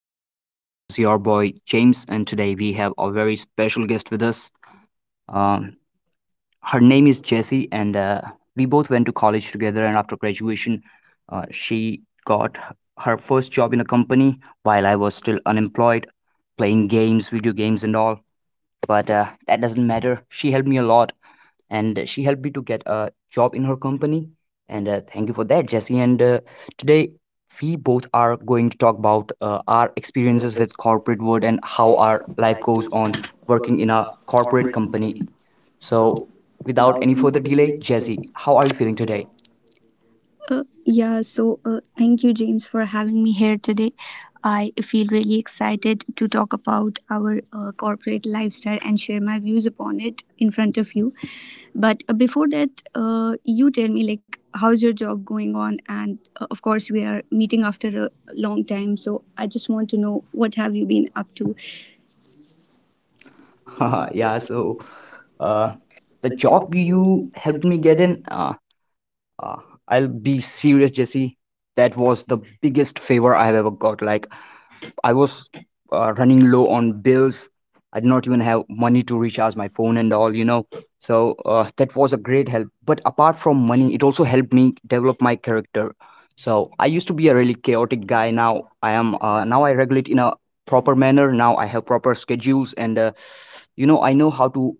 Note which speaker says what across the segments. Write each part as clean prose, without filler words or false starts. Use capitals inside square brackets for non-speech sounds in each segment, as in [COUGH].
Speaker 1: gentlemen. This is your boy James, and today we have a very special guest with us. Um, her name is Jessie, and we both went to college together. And after graduation, she got her first job in a company while I was still unemployed, playing games, video games, and all, but that doesn't matter. She helped me a lot, and she helped me to get a job in her company. And thank you for that, Jesse. And today we both are going to talk about our experiences with corporate world and how our life goes on working in a corporate company. So, without any further delay, Jesse, how are you feeling today?
Speaker 2: Yeah, so thank you, James, for having me here today. I feel really excited to talk about our corporate lifestyle and share my views upon it in front of you. But before that, you tell me, like, how's your job going on? And of course, we are meeting after a long time. So I just want to know what have you been up to.
Speaker 1: [LAUGHS] Yeah. So, uh, the job you helped me get in. Uh, I'll be serious, Jesse. That was the biggest favor I've ever got. Like, I was running low on bills. I did not even have money to recharge my phone and all. So that was a great help. But apart from money, it also helped me develop my character. So I used to be a really chaotic guy. Now I am. Now I regulate in a proper manner. Now I have proper schedules, and I know how to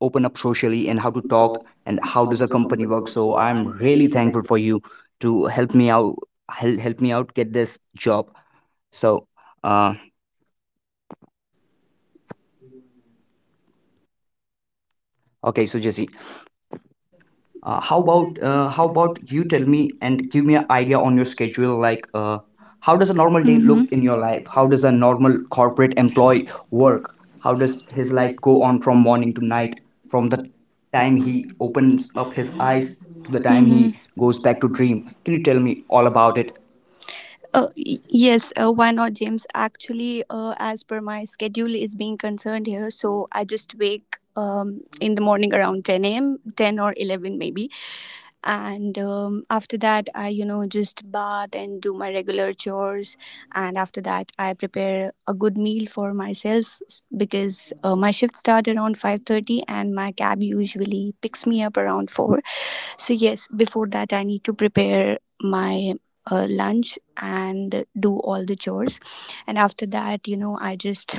Speaker 1: open up socially and how to talk and how does a company work. So I'm really thankful for you to help me out. Help me out get this job, so, uh, okay, so Jesse, how about you tell me and give me an idea on your schedule? Like, how does a normal day look in your life? How does a normal corporate employee work? How does his life go on from morning to night, from the time he opens up his eyes to the time he goes back to dream? Can you tell me all about it?
Speaker 2: Yes, why not, James? Actually, as per my schedule is being concerned here, so I just wake in the morning around 10 a.m., 10 or 11 maybe, and after that I just bath and do my regular chores, and after that I prepare a good meal for myself because my shift started around 5:30 and my cab usually picks me up around 4. So yes, before that I need to prepare my lunch and do all the chores, and after that I just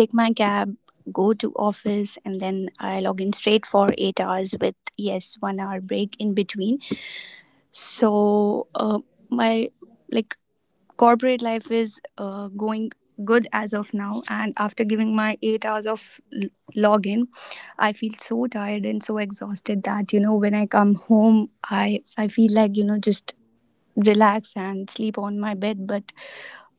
Speaker 2: take my cab, go to office, and then I log in straight for 8 hours with, yes, 1 hour break in between. So my, like, corporate life is going good as of now, and after giving my 8 hours of login, I feel so tired and so exhausted that when I come home, I feel like just relax and sleep on my bed. But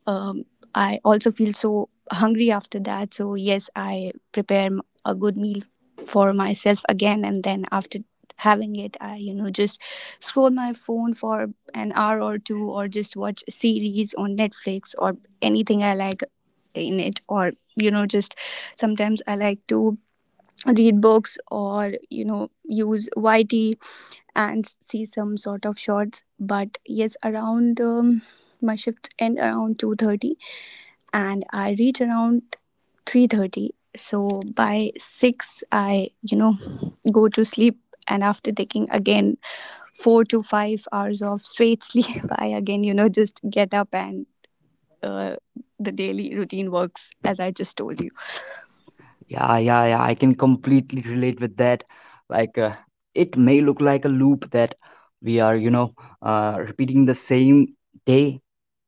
Speaker 2: um, I also feel so hungry after that. So yes, I prepare a good meal for myself again, and then after having it, I just scroll my phone for an hour or two, or just watch a series on Netflix or anything I like in it, or just sometimes I like to read books or use YT and see some sort of shorts. But yes, around my shifts end around 2:30, and I reach around 3:30. So by 6 I go to sleep, and after taking again 4 to 5 hours of straight sleep, [LAUGHS] I again just get up, and uh, the daily routine works as I just told you.
Speaker 1: Yeah, yeah, yeah, I can completely relate with that. Like, it may look like a loop that we are repeating the same day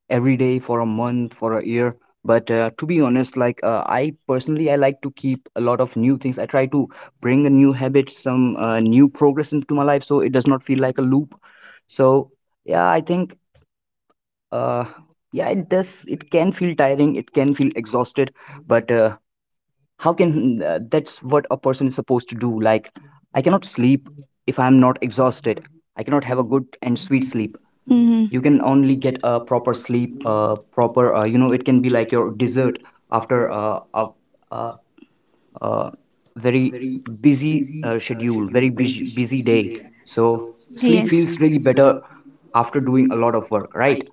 Speaker 1: every day for a month, for a year. But to be honest, like, I personally, I like to keep a lot of new things. I try to bring a new habit, some new progress into my life, so it does not feel like a loop. So, yeah, I think, uh, yeah, it does. It can feel tiring. It can feel exhausted, but how can that's what a person is supposed to do. Like, I cannot sleep if I'm not exhausted. I cannot have a good and sweet sleep. You can only get a proper sleep, proper you know, it can be like your dessert after a, a very busy schedule, very busy, busy day. So sleep
Speaker 2: Yes.
Speaker 1: feels really better after doing a lot of work, right?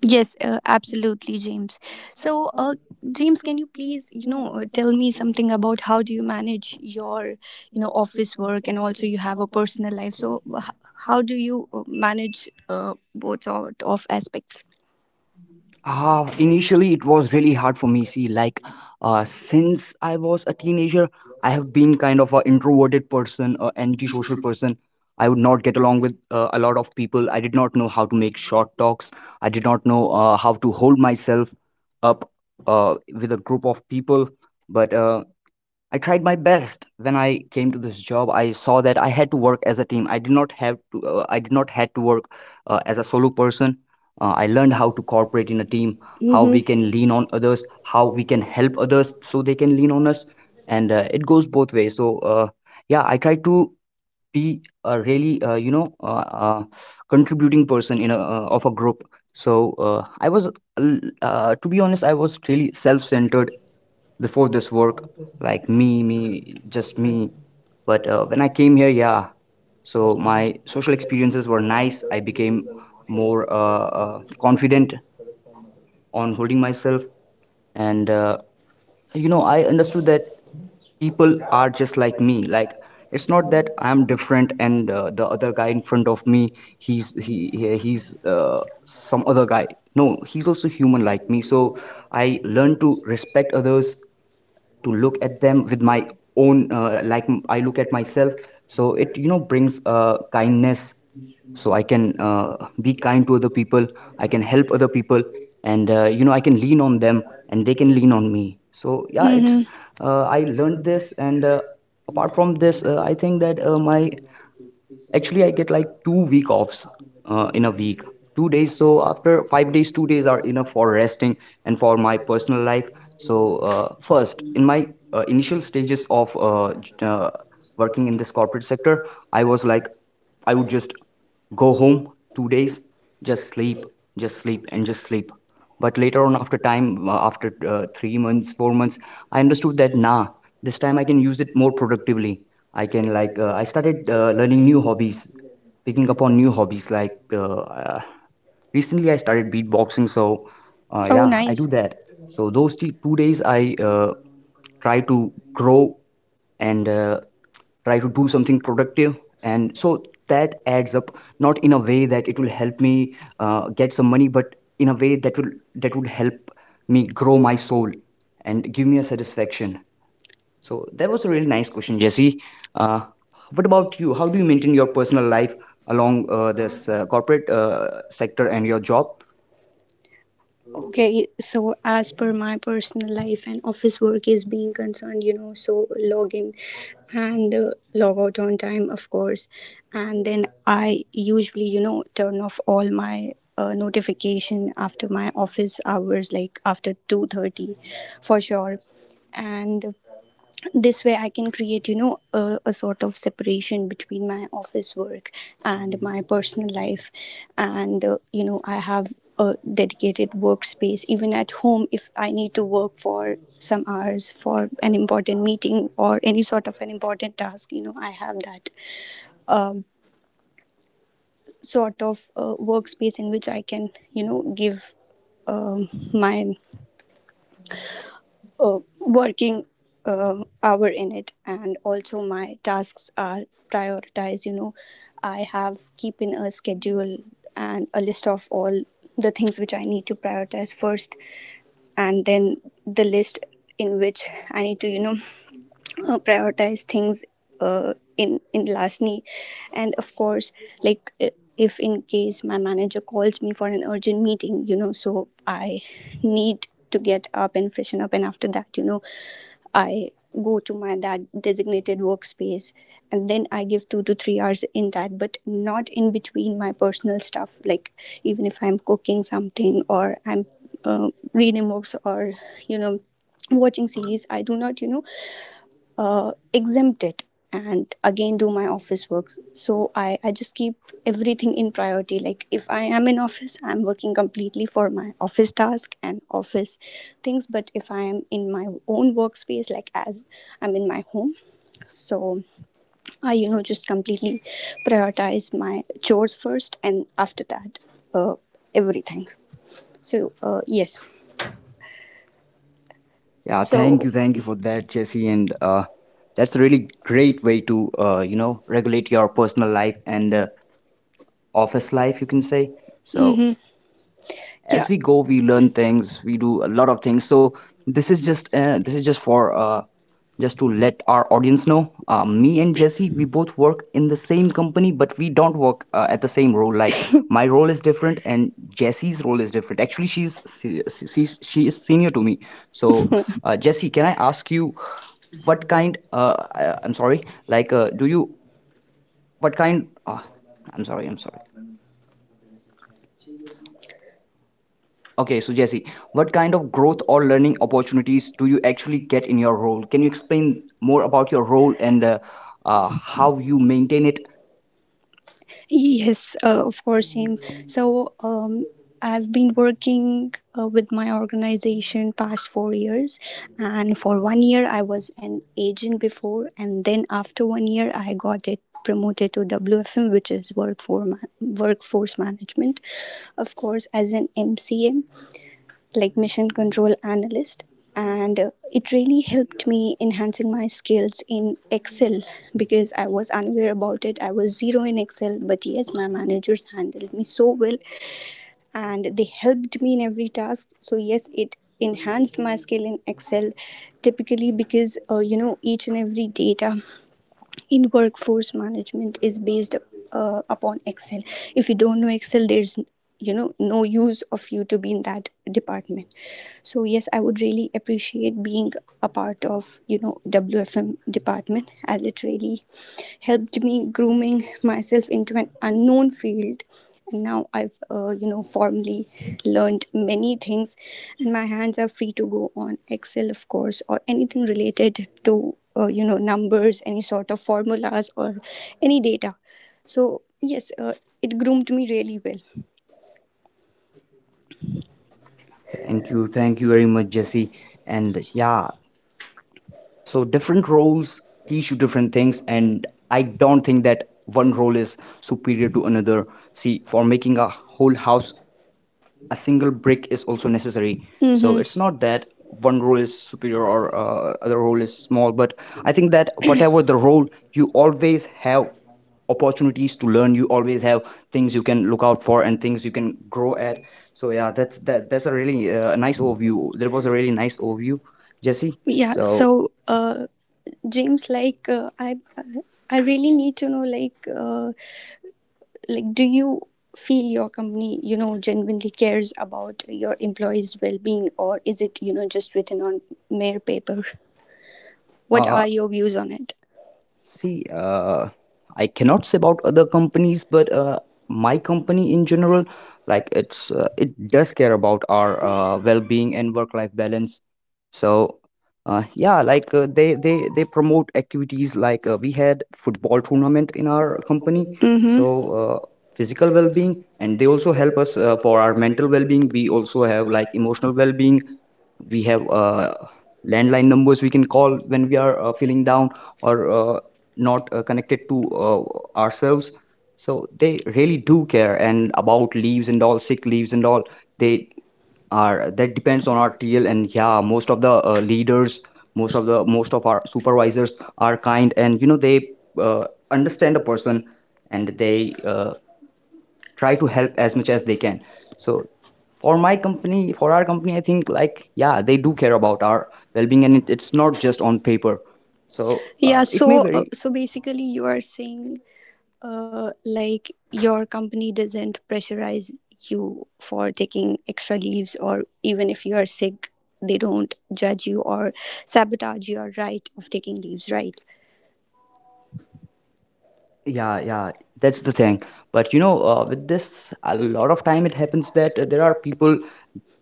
Speaker 2: Yes, absolutely, James. So, James, can you please tell me something about how do you manage your office work, and also you have a personal life. So, how do you manage both sort of aspects?
Speaker 1: Ah, initially it was really hard for me. See, like, since I was a teenager, I have been kind of an introverted person, an antisocial person. I would not get along with a lot of people. I did not know how to make short talks. I did not know how to hold myself up with a group of people. But I tried my best when I came to this job. I saw that I had to work as a team. I did not have to. I did not had to work as a solo person. I learned how to cooperate in a team, how we can
Speaker 2: Mm-hmm.
Speaker 1: lean on others, how we can help others so they can lean on us, and it goes both ways. So yeah, I try to be a really contributing person in a of a group. So I was to be honest, I was really self centered before this work, like me, me, just me. But when I came here, yeah, so my social experiences were nice. I became more confident on holding myself, and I understood that people are just like me. Like, it's not that I'm different and the other guy in front of me, he's some other guy. No, he's also human like me. So I learned to respect others, to look at them with my own, like, I look at myself. So it brings kindness, so I can be kind to other people. I can help other people, and I can lean on them, and they can lean on me. So yeah, it's
Speaker 2: Mm-hmm.
Speaker 1: I learned this. And apart from this, I think that my actually, I get like 2 week offs in a week, 2 days. So after 5 days, 2 days are enough for resting and for my personal life. So first, in my initial stages of working in this corporate sector, I was like, "I would just go home, 2 days, just sleep, just sleep, and just sleep." But later on, after time, after 3 months, 4 months, I understood that, nah, this time I can use it more productively. I can, like, I started learning new hobbies, picking up on new hobbies. Like, recently I started beatboxing, so
Speaker 2: Oh,
Speaker 1: yeah, I
Speaker 2: nice.
Speaker 1: do that. So, those 2 days I try to grow and try to do something productive, and so that adds up, not in a way that it will help me get some money, but in a way that will that would help me grow my soul and give me a satisfaction. So that was a really nice question, Jesse. uh, what about you? How do you maintain your personal life along this corporate sector and your job?
Speaker 2: Okay, so as per my personal life and office work is being concerned so log in and log out on time, of course. And then I usually turn off all my notification after my office hours, like after 2:30, for sure. And this way I can create a sort of separation between my office work and my personal life, and I have a dedicated workspace even at home. If I need to work for some hours for an important meeting or any sort of an important task, I have that um, sort of workspace in which I can, give my working hour in it. And also my tasks are prioritized. I have keeping a schedule and a list of all the things which I need to prioritize first, and then the list in which I need to [LAUGHS] [SNIFFS] prioritize things, in lastly. And of course, like, if in case my manager calls me for an urgent meeting, so I need to get up and freshen up, and after that, I go to my that designated workspace, and then I give 2 to 3 hours in that, but not in between my personal stuff. Like, even if I'm cooking something or I'm reading books or you know watching series, I do not exempt it and again do my office work. So I just keep everything in priority. Like if I am in office, I'm working completely for my office task and office things. But if I am in my own workspace, like as I'm in my home, so I just completely prioritize my chores first, and after that, uh, everything. So yes.
Speaker 1: Yeah, thank
Speaker 2: So.
Speaker 1: you, thank you for that, Jesse. And that's a really great way to regulate your personal life and office life, you can say. So,
Speaker 2: Mhm. Yeah.
Speaker 1: as we go, we learn things, we do a lot of things. So, this is just for just to let our audience know, me and Jesse, we both work in the same company, but we don't work at the same role. Like, my role is different, and Jesse's role is different. Actually, she is senior to me. So Jesse, can I ask you, I'm sorry. Like do you what kind I'm sorry, I'm sorry. Okay, so Jesse, what kind of growth or learning opportunities do you actually get in your role? Can you explain more about your role and how you maintain it?
Speaker 2: Yes, of course, him. So, I've been working with my organization past 4 years, and for 1 year I was an agent before, and then after 1 year I got it promoted to WFM, which is work for workforce management. Of course, as an MCM, like mission control analyst, and it really helped me enhancing my skills in Excel, because I was unaware about it. I was zero in Excel, but yes, my managers handled me so well and they helped me in every task. So yes, it enhanced my skill in Excel, typically because each and every data in workforce management is based upon Excel. If you don't know Excel, there's no use of you to be in that department. So yes, I would really appreciate being a part of WFM department, as it really helped me grooming myself into an unknown field. And now I've formally learned many things, and my hands are free to go on Excel, of course, or anything related to numbers, any sort of formulas or any data. So yes, it groomed me really well.
Speaker 1: Thank you very much, Jesse. And yeah, so different roles teach you different things, and I don't think that one role is superior to another. See, for making a whole house, a single brick is also necessary.
Speaker 2: So.
Speaker 1: So it's not that
Speaker 2: Mm-hmm.
Speaker 1: one role is superior, or other role is small. But I think that whatever the role, you always have opportunities to learn. You always have things you can look out for and things you can grow at. So yeah, that's a really nice overview. There was a really nice overview, Jesse.
Speaker 2: Yeah.
Speaker 1: so
Speaker 2: So, James, like, I really need to know, like, do you feel your company genuinely cares about your employees' well-being, or is it just written on mere paper? What
Speaker 1: uh,
Speaker 2: are your views on it?
Speaker 1: see, I cannot say about other
Speaker 2: The
Speaker 1: companies,
Speaker 2: companies, but
Speaker 1: but my
Speaker 2: my company
Speaker 1: company in
Speaker 2: in
Speaker 1: general,
Speaker 2: general,
Speaker 1: like
Speaker 2: like it's
Speaker 1: it does care about our well-being and work-life balance. So, yeah, like they promote activities. Like, we had football tournament in
Speaker 2: uh,
Speaker 1: our company.
Speaker 2: Mm-hmm.
Speaker 1: So,
Speaker 2: uh,
Speaker 1: uh, physical
Speaker 2: physical
Speaker 1: well-being,
Speaker 2: well-being,
Speaker 1: and
Speaker 2: and
Speaker 1: they
Speaker 2: they
Speaker 1: also
Speaker 2: also
Speaker 1: help
Speaker 2: help
Speaker 1: us
Speaker 2: us
Speaker 1: for
Speaker 2: for
Speaker 1: our
Speaker 2: our
Speaker 1: mental
Speaker 2: mental
Speaker 1: well-being.
Speaker 2: well-being.
Speaker 1: We
Speaker 2: We
Speaker 1: also
Speaker 2: also
Speaker 1: have
Speaker 2: have
Speaker 1: like
Speaker 2: like
Speaker 1: emotional
Speaker 2: emotional
Speaker 1: well-being.
Speaker 2: well-being.
Speaker 1: We have landline numbers we can call when we are feeling down or not connected to ourselves, so they really do care, and about leaves and all, sick leaves and all, they are— that depends on our TL. And yeah, most of the leaders, most of our supervisors are kind, and you know they uh, understand a person, and they try to help as much as they can. So for
Speaker 2: For
Speaker 1: my
Speaker 2: my.
Speaker 1: company, for
Speaker 2: For
Speaker 1: our
Speaker 2: our.
Speaker 1: company, I think like, yeah, they do care about our well-being, and it's not just on paper. So
Speaker 2: Yeah,
Speaker 1: it may
Speaker 2: so
Speaker 1: vary.
Speaker 2: so basically you are saying, like your company doesn't pressurize you for taking extra leaves, or even if you are sick, they don't judge you or sabotage your right of taking leaves, right?
Speaker 1: Yeah, yeah, that's the thing. But you know, with this a lot of time it happens that there are people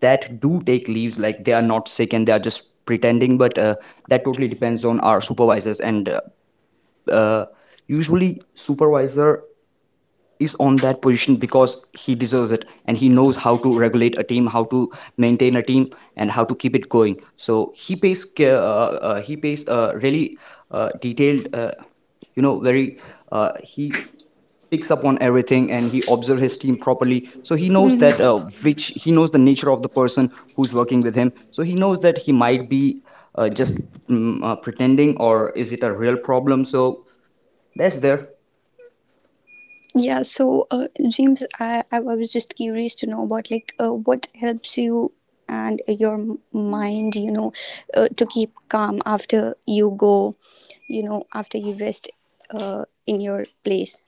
Speaker 1: that do take leaves, like they are not sick and they are just pretending. But that totally depends on our supervisors. And uh, usually supervisor is on that position because he deserves it, and he knows how to regulate a team, how to maintain a team, and how to keep it going. So he pays he pays really detailed, you know, very— he picks up on everything, and he observes his team properly, so he knows that
Speaker 2: Mhm.
Speaker 1: which he knows the nature of the person who's working with him, so he knows that he might be just pretending, or is it a real problem. So that's there.
Speaker 2: Yeah, so James, I was just curious to know about, like, what helps you and your mind to keep calm after you go after you rest in your place.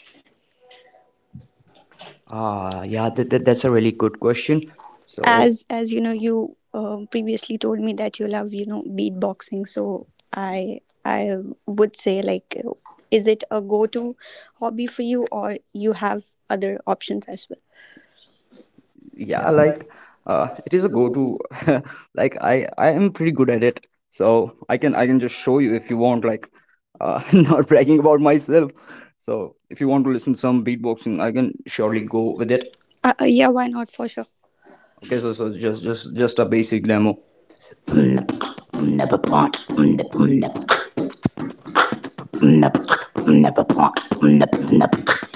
Speaker 2: Uh,
Speaker 1: Ah, yeah,
Speaker 2: yeah,
Speaker 1: that, that, that's
Speaker 2: that's
Speaker 1: a
Speaker 2: a
Speaker 1: really
Speaker 2: very
Speaker 1: good
Speaker 2: good
Speaker 1: question.
Speaker 2: question.
Speaker 1: So,
Speaker 2: As you know, you previously told me that you love beatboxing. So I would say, like, is it a go-to hobby for you, or you have other options as well? Yeah,
Speaker 1: yeah, like
Speaker 2: like
Speaker 1: it
Speaker 2: it
Speaker 1: is
Speaker 2: is
Speaker 1: a
Speaker 2: a go-to.
Speaker 1: go-to. [LAUGHS] Like I am pretty good at it. So, I can just show you if you want, like [LAUGHS] not bragging about myself. So, if you want to listen to some beatboxing, I can surely
Speaker 2: Surely go
Speaker 1: go with
Speaker 2: with
Speaker 1: it.
Speaker 2: it. Yeah, why not, for sure?
Speaker 1: Okay,
Speaker 2: There's
Speaker 1: so
Speaker 2: also
Speaker 1: so just
Speaker 2: just
Speaker 1: just just a
Speaker 2: a
Speaker 1: basic
Speaker 2: basic.
Speaker 1: demo. [LAUGHS]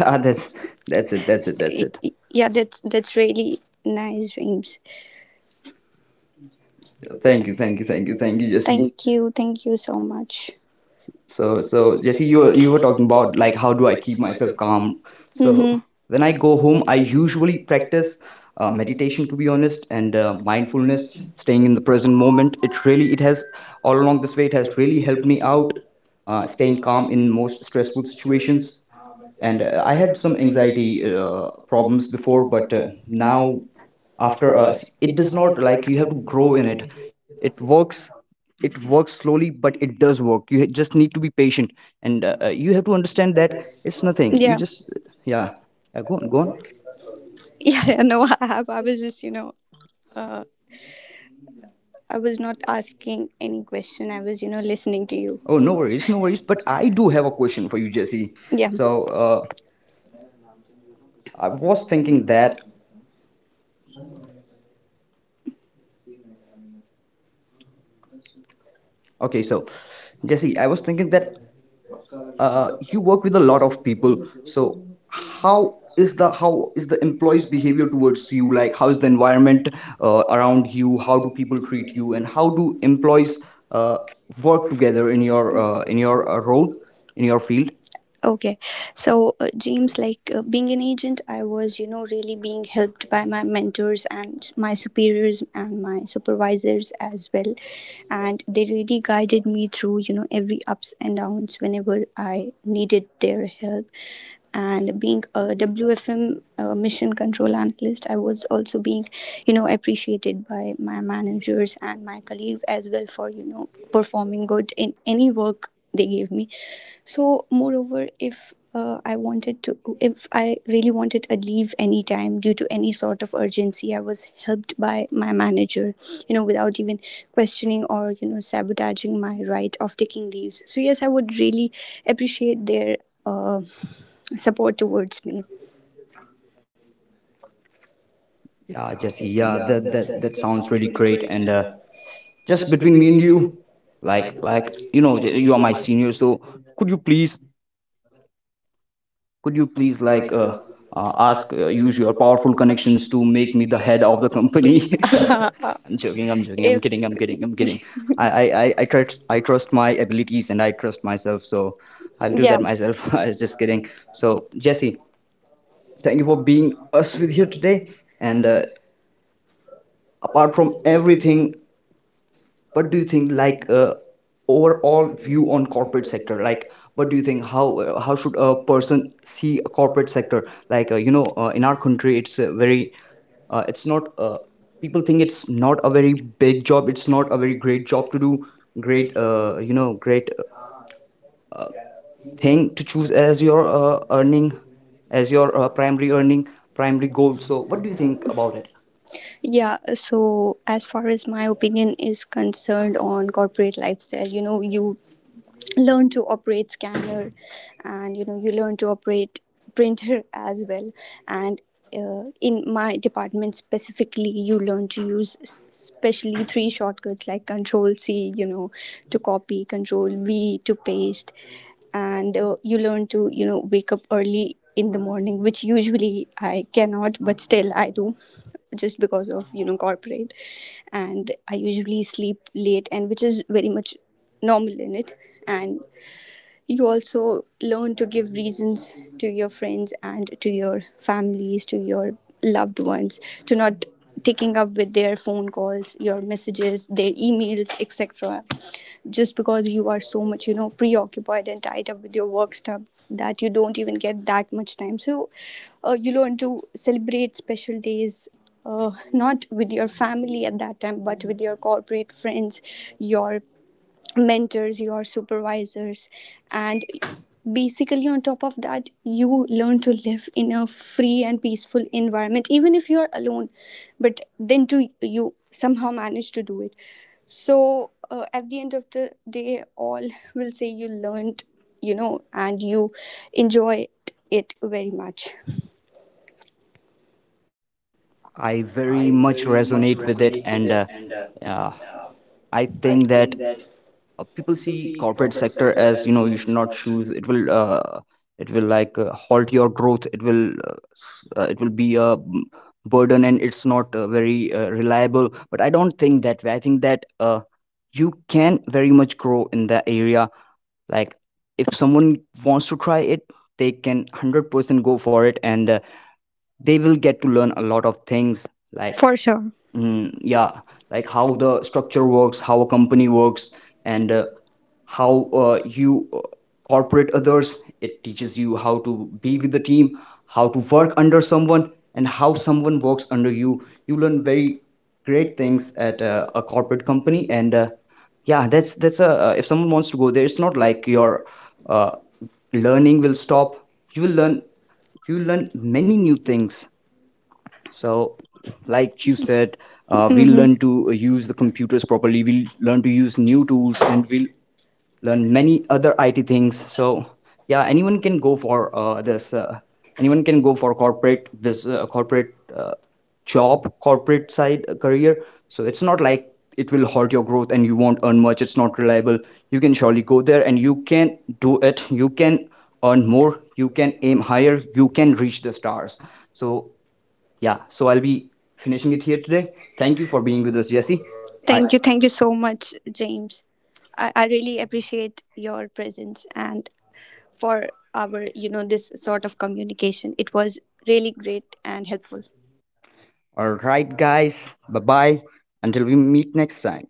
Speaker 1: Ah, that's— that's it. That's it.
Speaker 2: Yeah,
Speaker 1: That's it.
Speaker 2: that's really nice dreams.
Speaker 1: Thank
Speaker 2: Thank
Speaker 1: you.
Speaker 2: you,
Speaker 1: Thank you.
Speaker 2: thank you,
Speaker 1: Thank
Speaker 2: thank
Speaker 1: you.
Speaker 2: you,
Speaker 1: Thank
Speaker 2: thank
Speaker 1: you,
Speaker 2: you, Jesse.
Speaker 1: Jesse.
Speaker 2: Thank you so much.
Speaker 1: So,
Speaker 2: So,
Speaker 1: so
Speaker 2: so
Speaker 1: Jesse,
Speaker 2: Jesse,
Speaker 1: you
Speaker 2: you
Speaker 1: were
Speaker 2: were,
Speaker 1: you
Speaker 2: you
Speaker 1: were
Speaker 2: were
Speaker 1: talking
Speaker 2: talking
Speaker 1: about
Speaker 2: about,
Speaker 1: like
Speaker 2: like,
Speaker 1: how
Speaker 2: how
Speaker 1: do
Speaker 2: do
Speaker 1: I
Speaker 2: I
Speaker 1: keep
Speaker 2: keep
Speaker 1: myself
Speaker 2: myself
Speaker 1: calm?
Speaker 2: calm?
Speaker 1: So
Speaker 2: Mm-hmm.
Speaker 1: when
Speaker 2: When
Speaker 1: I
Speaker 2: I
Speaker 1: go
Speaker 2: go
Speaker 1: home,
Speaker 2: home,
Speaker 1: I
Speaker 2: I
Speaker 1: usually
Speaker 2: usually
Speaker 1: practice
Speaker 2: practice
Speaker 1: meditation, to
Speaker 2: meditation, to
Speaker 1: be
Speaker 2: be
Speaker 1: honest,
Speaker 2: honest,
Speaker 1: and
Speaker 2: and
Speaker 1: mindfulness,
Speaker 2: mindfulness, [LAUGHS]
Speaker 1: staying
Speaker 2: staying
Speaker 1: in the
Speaker 2: in the
Speaker 1: present
Speaker 2: present
Speaker 1: moment.
Speaker 2: moment.
Speaker 1: It
Speaker 2: It
Speaker 1: really—
Speaker 2: really
Speaker 1: it
Speaker 2: it
Speaker 1: has
Speaker 2: has
Speaker 1: all
Speaker 2: all
Speaker 1: along
Speaker 2: along
Speaker 1: this way.
Speaker 2: this way.
Speaker 1: It
Speaker 2: It
Speaker 1: has
Speaker 2: has
Speaker 1: really
Speaker 2: really
Speaker 1: helped
Speaker 2: helped
Speaker 1: me
Speaker 2: me
Speaker 1: out,
Speaker 2: out,
Speaker 1: staying
Speaker 2: staying
Speaker 1: calm
Speaker 2: calm
Speaker 1: in
Speaker 2: in
Speaker 1: most
Speaker 2: most
Speaker 1: stressful
Speaker 2: stressful
Speaker 1: situations.
Speaker 2: situations.
Speaker 1: And
Speaker 2: And
Speaker 1: I
Speaker 2: I
Speaker 1: had
Speaker 2: had
Speaker 1: some
Speaker 2: some
Speaker 1: anxiety
Speaker 2: anxiety
Speaker 1: problems
Speaker 2: problems
Speaker 1: before,
Speaker 2: before,
Speaker 1: but
Speaker 2: but
Speaker 1: now
Speaker 2: now
Speaker 1: after
Speaker 2: after
Speaker 1: us
Speaker 2: us,
Speaker 1: it
Speaker 2: it
Speaker 1: does
Speaker 2: does
Speaker 1: not—
Speaker 2: not
Speaker 1: like,
Speaker 2: like
Speaker 1: you
Speaker 2: you
Speaker 1: have to
Speaker 2: have to
Speaker 1: grow
Speaker 2: grow
Speaker 1: in it.
Speaker 2: in
Speaker 1: It works. It works slowly, but it does work. You just need to be patient. And you have to understand that
Speaker 2: it.
Speaker 1: it's nothing. You
Speaker 2: Yeah.
Speaker 1: just yeah. Go on, go on.
Speaker 2: Yeah, yeah, no, I have. I was justuh, I was not asking any question. I was listening to you.
Speaker 1: Oh,
Speaker 2: Oh
Speaker 1: no
Speaker 2: no,
Speaker 1: worries, no worries. But I do have a question for you, Jesse.
Speaker 2: Jesse. Yeah.
Speaker 1: So uh,
Speaker 2: So
Speaker 1: I
Speaker 2: I
Speaker 1: was
Speaker 2: was
Speaker 1: thinking
Speaker 2: thinking
Speaker 1: that,
Speaker 2: that.
Speaker 1: okay,
Speaker 2: Okay,
Speaker 1: so
Speaker 2: so
Speaker 1: Jesse,
Speaker 2: Jesse,
Speaker 1: I was thinking that you work with a lot of people. So how
Speaker 2: how
Speaker 1: is
Speaker 2: is
Speaker 1: the—
Speaker 2: the
Speaker 1: how
Speaker 2: how
Speaker 1: is
Speaker 2: is
Speaker 1: the
Speaker 2: the
Speaker 1: employees'
Speaker 2: employees'
Speaker 1: behavior
Speaker 2: behavior
Speaker 1: towards
Speaker 2: towards
Speaker 1: you?
Speaker 2: you?
Speaker 1: Like,
Speaker 2: Like,
Speaker 1: how
Speaker 2: how
Speaker 1: is
Speaker 2: is
Speaker 1: the
Speaker 2: the environment
Speaker 1: environment
Speaker 2: around
Speaker 1: around you? How do people
Speaker 2: you
Speaker 1: treat
Speaker 2: treat
Speaker 1: you,
Speaker 2: you,
Speaker 1: and
Speaker 2: and
Speaker 1: how
Speaker 2: how
Speaker 1: do employees
Speaker 2: employees
Speaker 1: uh,
Speaker 2: uh,
Speaker 1: work together
Speaker 2: together
Speaker 1: in
Speaker 2: in your
Speaker 1: your
Speaker 2: uh, in your
Speaker 1: role,
Speaker 2: role?
Speaker 1: in your field?
Speaker 2: Okay, so James, like, being an agent, I was really being helped by my mentors and my superiors and my supervisors as well. And they really guided me through every ups and downs whenever I needed their help. And being a WFM mission control analyst, I was also being appreciated by my managers and my colleagues as well for performing good in any work they gave me. So moreover, if I really wanted a leave anytime due to any sort of urgency, I was helped by my manager, you know, without even questioning or sabotaging my right of taking leaves. So yes, I would really appreciate their uh, support towards me. Yeah,
Speaker 1: Yeah, Jesse,
Speaker 2: Jesse, yeah,
Speaker 1: yeah,
Speaker 2: that,
Speaker 1: that
Speaker 2: that, that
Speaker 1: that
Speaker 2: sounds
Speaker 1: sounds really
Speaker 2: really
Speaker 1: great.
Speaker 2: great. And
Speaker 1: And just
Speaker 2: just between
Speaker 1: between me
Speaker 2: me
Speaker 1: and
Speaker 2: and
Speaker 1: you,
Speaker 2: you, like,
Speaker 1: like
Speaker 2: like
Speaker 1: like you
Speaker 2: you know,
Speaker 1: know, you
Speaker 2: you
Speaker 1: are
Speaker 2: are
Speaker 1: my
Speaker 2: my
Speaker 1: senior, so could you please— could you
Speaker 2: please,
Speaker 1: please,
Speaker 2: like,
Speaker 1: like,
Speaker 2: ask,
Speaker 1: ask— use
Speaker 2: use your
Speaker 1: your
Speaker 2: powerful
Speaker 1: powerful
Speaker 2: connections
Speaker 1: connections
Speaker 2: to
Speaker 1: to
Speaker 2: make
Speaker 1: make
Speaker 2: me
Speaker 1: me
Speaker 2: the
Speaker 1: the
Speaker 2: head
Speaker 1: head of
Speaker 2: of the
Speaker 1: the company?
Speaker 2: company. [LAUGHS] [LAUGHS]
Speaker 1: [LAUGHS] I'm joking, I'm joking, I'm
Speaker 2: If
Speaker 1: kidding, I'm kidding, I'm kidding.
Speaker 2: [LAUGHS] I, I,
Speaker 1: I trust— I trust my
Speaker 2: really please
Speaker 1: abilities,
Speaker 2: and
Speaker 1: and I
Speaker 2: I trust
Speaker 1: trust
Speaker 2: myself,
Speaker 1: myself,
Speaker 2: so
Speaker 1: so I'll do
Speaker 2: yeah.
Speaker 1: that
Speaker 2: [LAUGHS]
Speaker 1: myself. [LAUGHS] I
Speaker 2: I'm
Speaker 1: was
Speaker 2: just
Speaker 1: just kidding.
Speaker 2: kidding.
Speaker 1: So
Speaker 2: So,
Speaker 1: Jesse,
Speaker 2: Jesse, thank
Speaker 1: thank you
Speaker 2: you
Speaker 1: for
Speaker 2: for being
Speaker 1: being
Speaker 2: us
Speaker 1: us with
Speaker 2: with
Speaker 1: here
Speaker 2: you
Speaker 1: today.
Speaker 2: today.
Speaker 1: And
Speaker 2: And
Speaker 1: apart
Speaker 2: apart from
Speaker 1: from everything,
Speaker 2: everything,
Speaker 1: what
Speaker 2: what
Speaker 1: do
Speaker 2: do
Speaker 1: you
Speaker 2: you
Speaker 1: think,
Speaker 2: think, like,
Speaker 1: like, overall
Speaker 2: overall view
Speaker 1: view on corporate sector,
Speaker 2: sector.
Speaker 1: like,
Speaker 2: Like,
Speaker 1: what
Speaker 2: what
Speaker 1: do
Speaker 2: do
Speaker 1: you
Speaker 2: you
Speaker 1: think?
Speaker 2: think?
Speaker 1: How how should a person see a corporate sector? Like, you know, in our country it's a very—
Speaker 2: How
Speaker 1: it's not people
Speaker 2: great,
Speaker 1: think it's not a very big job, it's not a very great job to do, great,
Speaker 2: great,
Speaker 1: you know, great thing to
Speaker 2: things
Speaker 1: choose as
Speaker 2: as,
Speaker 1: your earning, as
Speaker 2: as
Speaker 1: your primary earning, primary goal. So
Speaker 2: so?
Speaker 1: what
Speaker 2: What
Speaker 1: do
Speaker 2: do
Speaker 1: you
Speaker 2: you
Speaker 1: think
Speaker 2: think?
Speaker 1: about it?
Speaker 2: Yeah, so as far as my opinion is concerned on corporate lifestyle you learn to operate scanner, and you learn to operate printer as well. And in my department specifically, you learn to use especially three shortcuts like control c, you know, to copy, control v, to paste. And you learn to wake up early in the morning, which usually I cannot, but still I do, just because of, you know, corporate. And I usually sleep late, and which is very much normal in it. And you also learn to give reasons to your friends and to your families, to your loved ones, to not taking up with their phone calls, your messages, their emails, etc., just because you are so much, you know, preoccupied and tied up with your work stuff that you don't even get that much time. So you learn to celebrate special days, not with your family at that time, but with your corporate friends, your mentors, your supervisors. And basically, on top of that, you learn to live in a free and peaceful environment even if you are alone, but then to, you somehow manage to do it. So at the end of the day, all will say you learned, you know, and you enjoy it very much.
Speaker 1: I
Speaker 2: I
Speaker 1: very
Speaker 2: very
Speaker 1: much
Speaker 2: much
Speaker 1: resonate
Speaker 2: resonate
Speaker 1: with
Speaker 2: with
Speaker 1: it.
Speaker 2: it,
Speaker 1: And
Speaker 2: and
Speaker 1: uh,
Speaker 2: uh,
Speaker 1: I
Speaker 2: I.
Speaker 1: think that people
Speaker 2: People
Speaker 1: see
Speaker 2: see
Speaker 1: corporate
Speaker 2: corporate
Speaker 1: sector
Speaker 2: sector
Speaker 1: as,
Speaker 2: as,
Speaker 1: you
Speaker 2: you
Speaker 1: know,
Speaker 2: know,
Speaker 1: you
Speaker 2: you
Speaker 1: should
Speaker 2: should
Speaker 1: not
Speaker 2: not
Speaker 1: choose,
Speaker 2: choose.
Speaker 1: it will it will, like, halt your growth, it will it will be a burden, and it's not very reliable. But I don't think that way. I think that you can very much grow in that area. Like, if someone wants to try it, they can 100% go for it, and they will get to learn a lot of things, like—
Speaker 2: For sure.
Speaker 1: Mm, yeah, like how
Speaker 2: How
Speaker 1: the
Speaker 2: the
Speaker 1: structure
Speaker 2: structure
Speaker 1: works,
Speaker 2: works,
Speaker 1: how a company works, and how
Speaker 2: how you
Speaker 1: you corporate
Speaker 2: cooperate
Speaker 1: others.
Speaker 2: others,
Speaker 1: It teaches you how to be
Speaker 2: be
Speaker 1: with
Speaker 2: with
Speaker 1: the
Speaker 2: the
Speaker 1: team,
Speaker 2: team,
Speaker 1: how
Speaker 2: how
Speaker 1: to
Speaker 2: to
Speaker 1: work under someone, and how someone
Speaker 2: work
Speaker 1: works under
Speaker 2: under
Speaker 1: you.
Speaker 2: you.
Speaker 1: You
Speaker 2: You
Speaker 1: learn
Speaker 2: learn
Speaker 1: very
Speaker 2: very
Speaker 1: great
Speaker 2: great
Speaker 1: things
Speaker 2: things
Speaker 1: at
Speaker 2: at
Speaker 1: a
Speaker 2: a
Speaker 1: corporate company,
Speaker 2: company,
Speaker 1: and
Speaker 2: and
Speaker 1: yeah, that's— that's a— if someone wants to
Speaker 2: also
Speaker 1: go
Speaker 2: go
Speaker 1: there,
Speaker 2: there
Speaker 1: it's not
Speaker 2: like
Speaker 1: like your
Speaker 2: your uh,
Speaker 1: uh, learning
Speaker 2: learning will
Speaker 1: will stop.
Speaker 2: stop. You
Speaker 1: You will
Speaker 2: will learn.
Speaker 1: learn, you
Speaker 2: You will
Speaker 1: will
Speaker 2: learn
Speaker 1: learn
Speaker 2: many
Speaker 1: many new
Speaker 2: new
Speaker 1: things.
Speaker 2: things.
Speaker 1: So,
Speaker 2: So,
Speaker 1: like
Speaker 2: like you
Speaker 1: you
Speaker 2: said,
Speaker 1: said,
Speaker 2: you. Mhm.
Speaker 1: we'll
Speaker 2: Learn
Speaker 1: learn to use the computers properly. We'll learn to use new
Speaker 2: new tools,
Speaker 1: tools, and
Speaker 2: and
Speaker 1: we'll
Speaker 2: you learn
Speaker 1: learn many
Speaker 2: many.
Speaker 1: other IT things. So,
Speaker 2: So yeah,
Speaker 1: yeah, anyone
Speaker 2: anyone
Speaker 1: can
Speaker 2: can
Speaker 1: go
Speaker 2: go for
Speaker 1: for
Speaker 2: this.
Speaker 1: this.
Speaker 2: Anyone
Speaker 1: Anyone can
Speaker 2: can
Speaker 1: go
Speaker 2: go
Speaker 1: for
Speaker 2: for corporate
Speaker 1: corporate— this
Speaker 2: this
Speaker 1: corporate
Speaker 2: corporate
Speaker 1: uh,
Speaker 2: job,
Speaker 1: job, corporate
Speaker 2: corporate
Speaker 1: side
Speaker 2: side
Speaker 1: career.
Speaker 2: career.
Speaker 1: So
Speaker 2: So
Speaker 1: it's
Speaker 2: it's
Speaker 1: not
Speaker 2: not
Speaker 1: like
Speaker 2: like
Speaker 1: it will hurt your growth and you
Speaker 2: you
Speaker 1: won't
Speaker 2: want,
Speaker 1: earn much, it's
Speaker 2: not
Speaker 1: not reliable.
Speaker 2: reliable.
Speaker 1: You can surely go there, and you can do it. You can earn more. You can aim higher. You can reach the stars. So
Speaker 2: So
Speaker 1: yeah,
Speaker 2: yeah,
Speaker 1: so I'll be finishing
Speaker 2: finishing
Speaker 1: it
Speaker 2: it
Speaker 1: here
Speaker 2: here.
Speaker 1: today. Thank
Speaker 2: Thank you
Speaker 1: you for
Speaker 2: for
Speaker 1: being
Speaker 2: being with
Speaker 1: with
Speaker 2: us,
Speaker 1: us, Jesse.
Speaker 2: Jesse.
Speaker 1: I—
Speaker 2: Thank you. Thank you so much, James. I really appreciate your presence and for our this sort of communication. It was really great and helpful.
Speaker 1: all right, guys. Bye bye. Until we meet next time.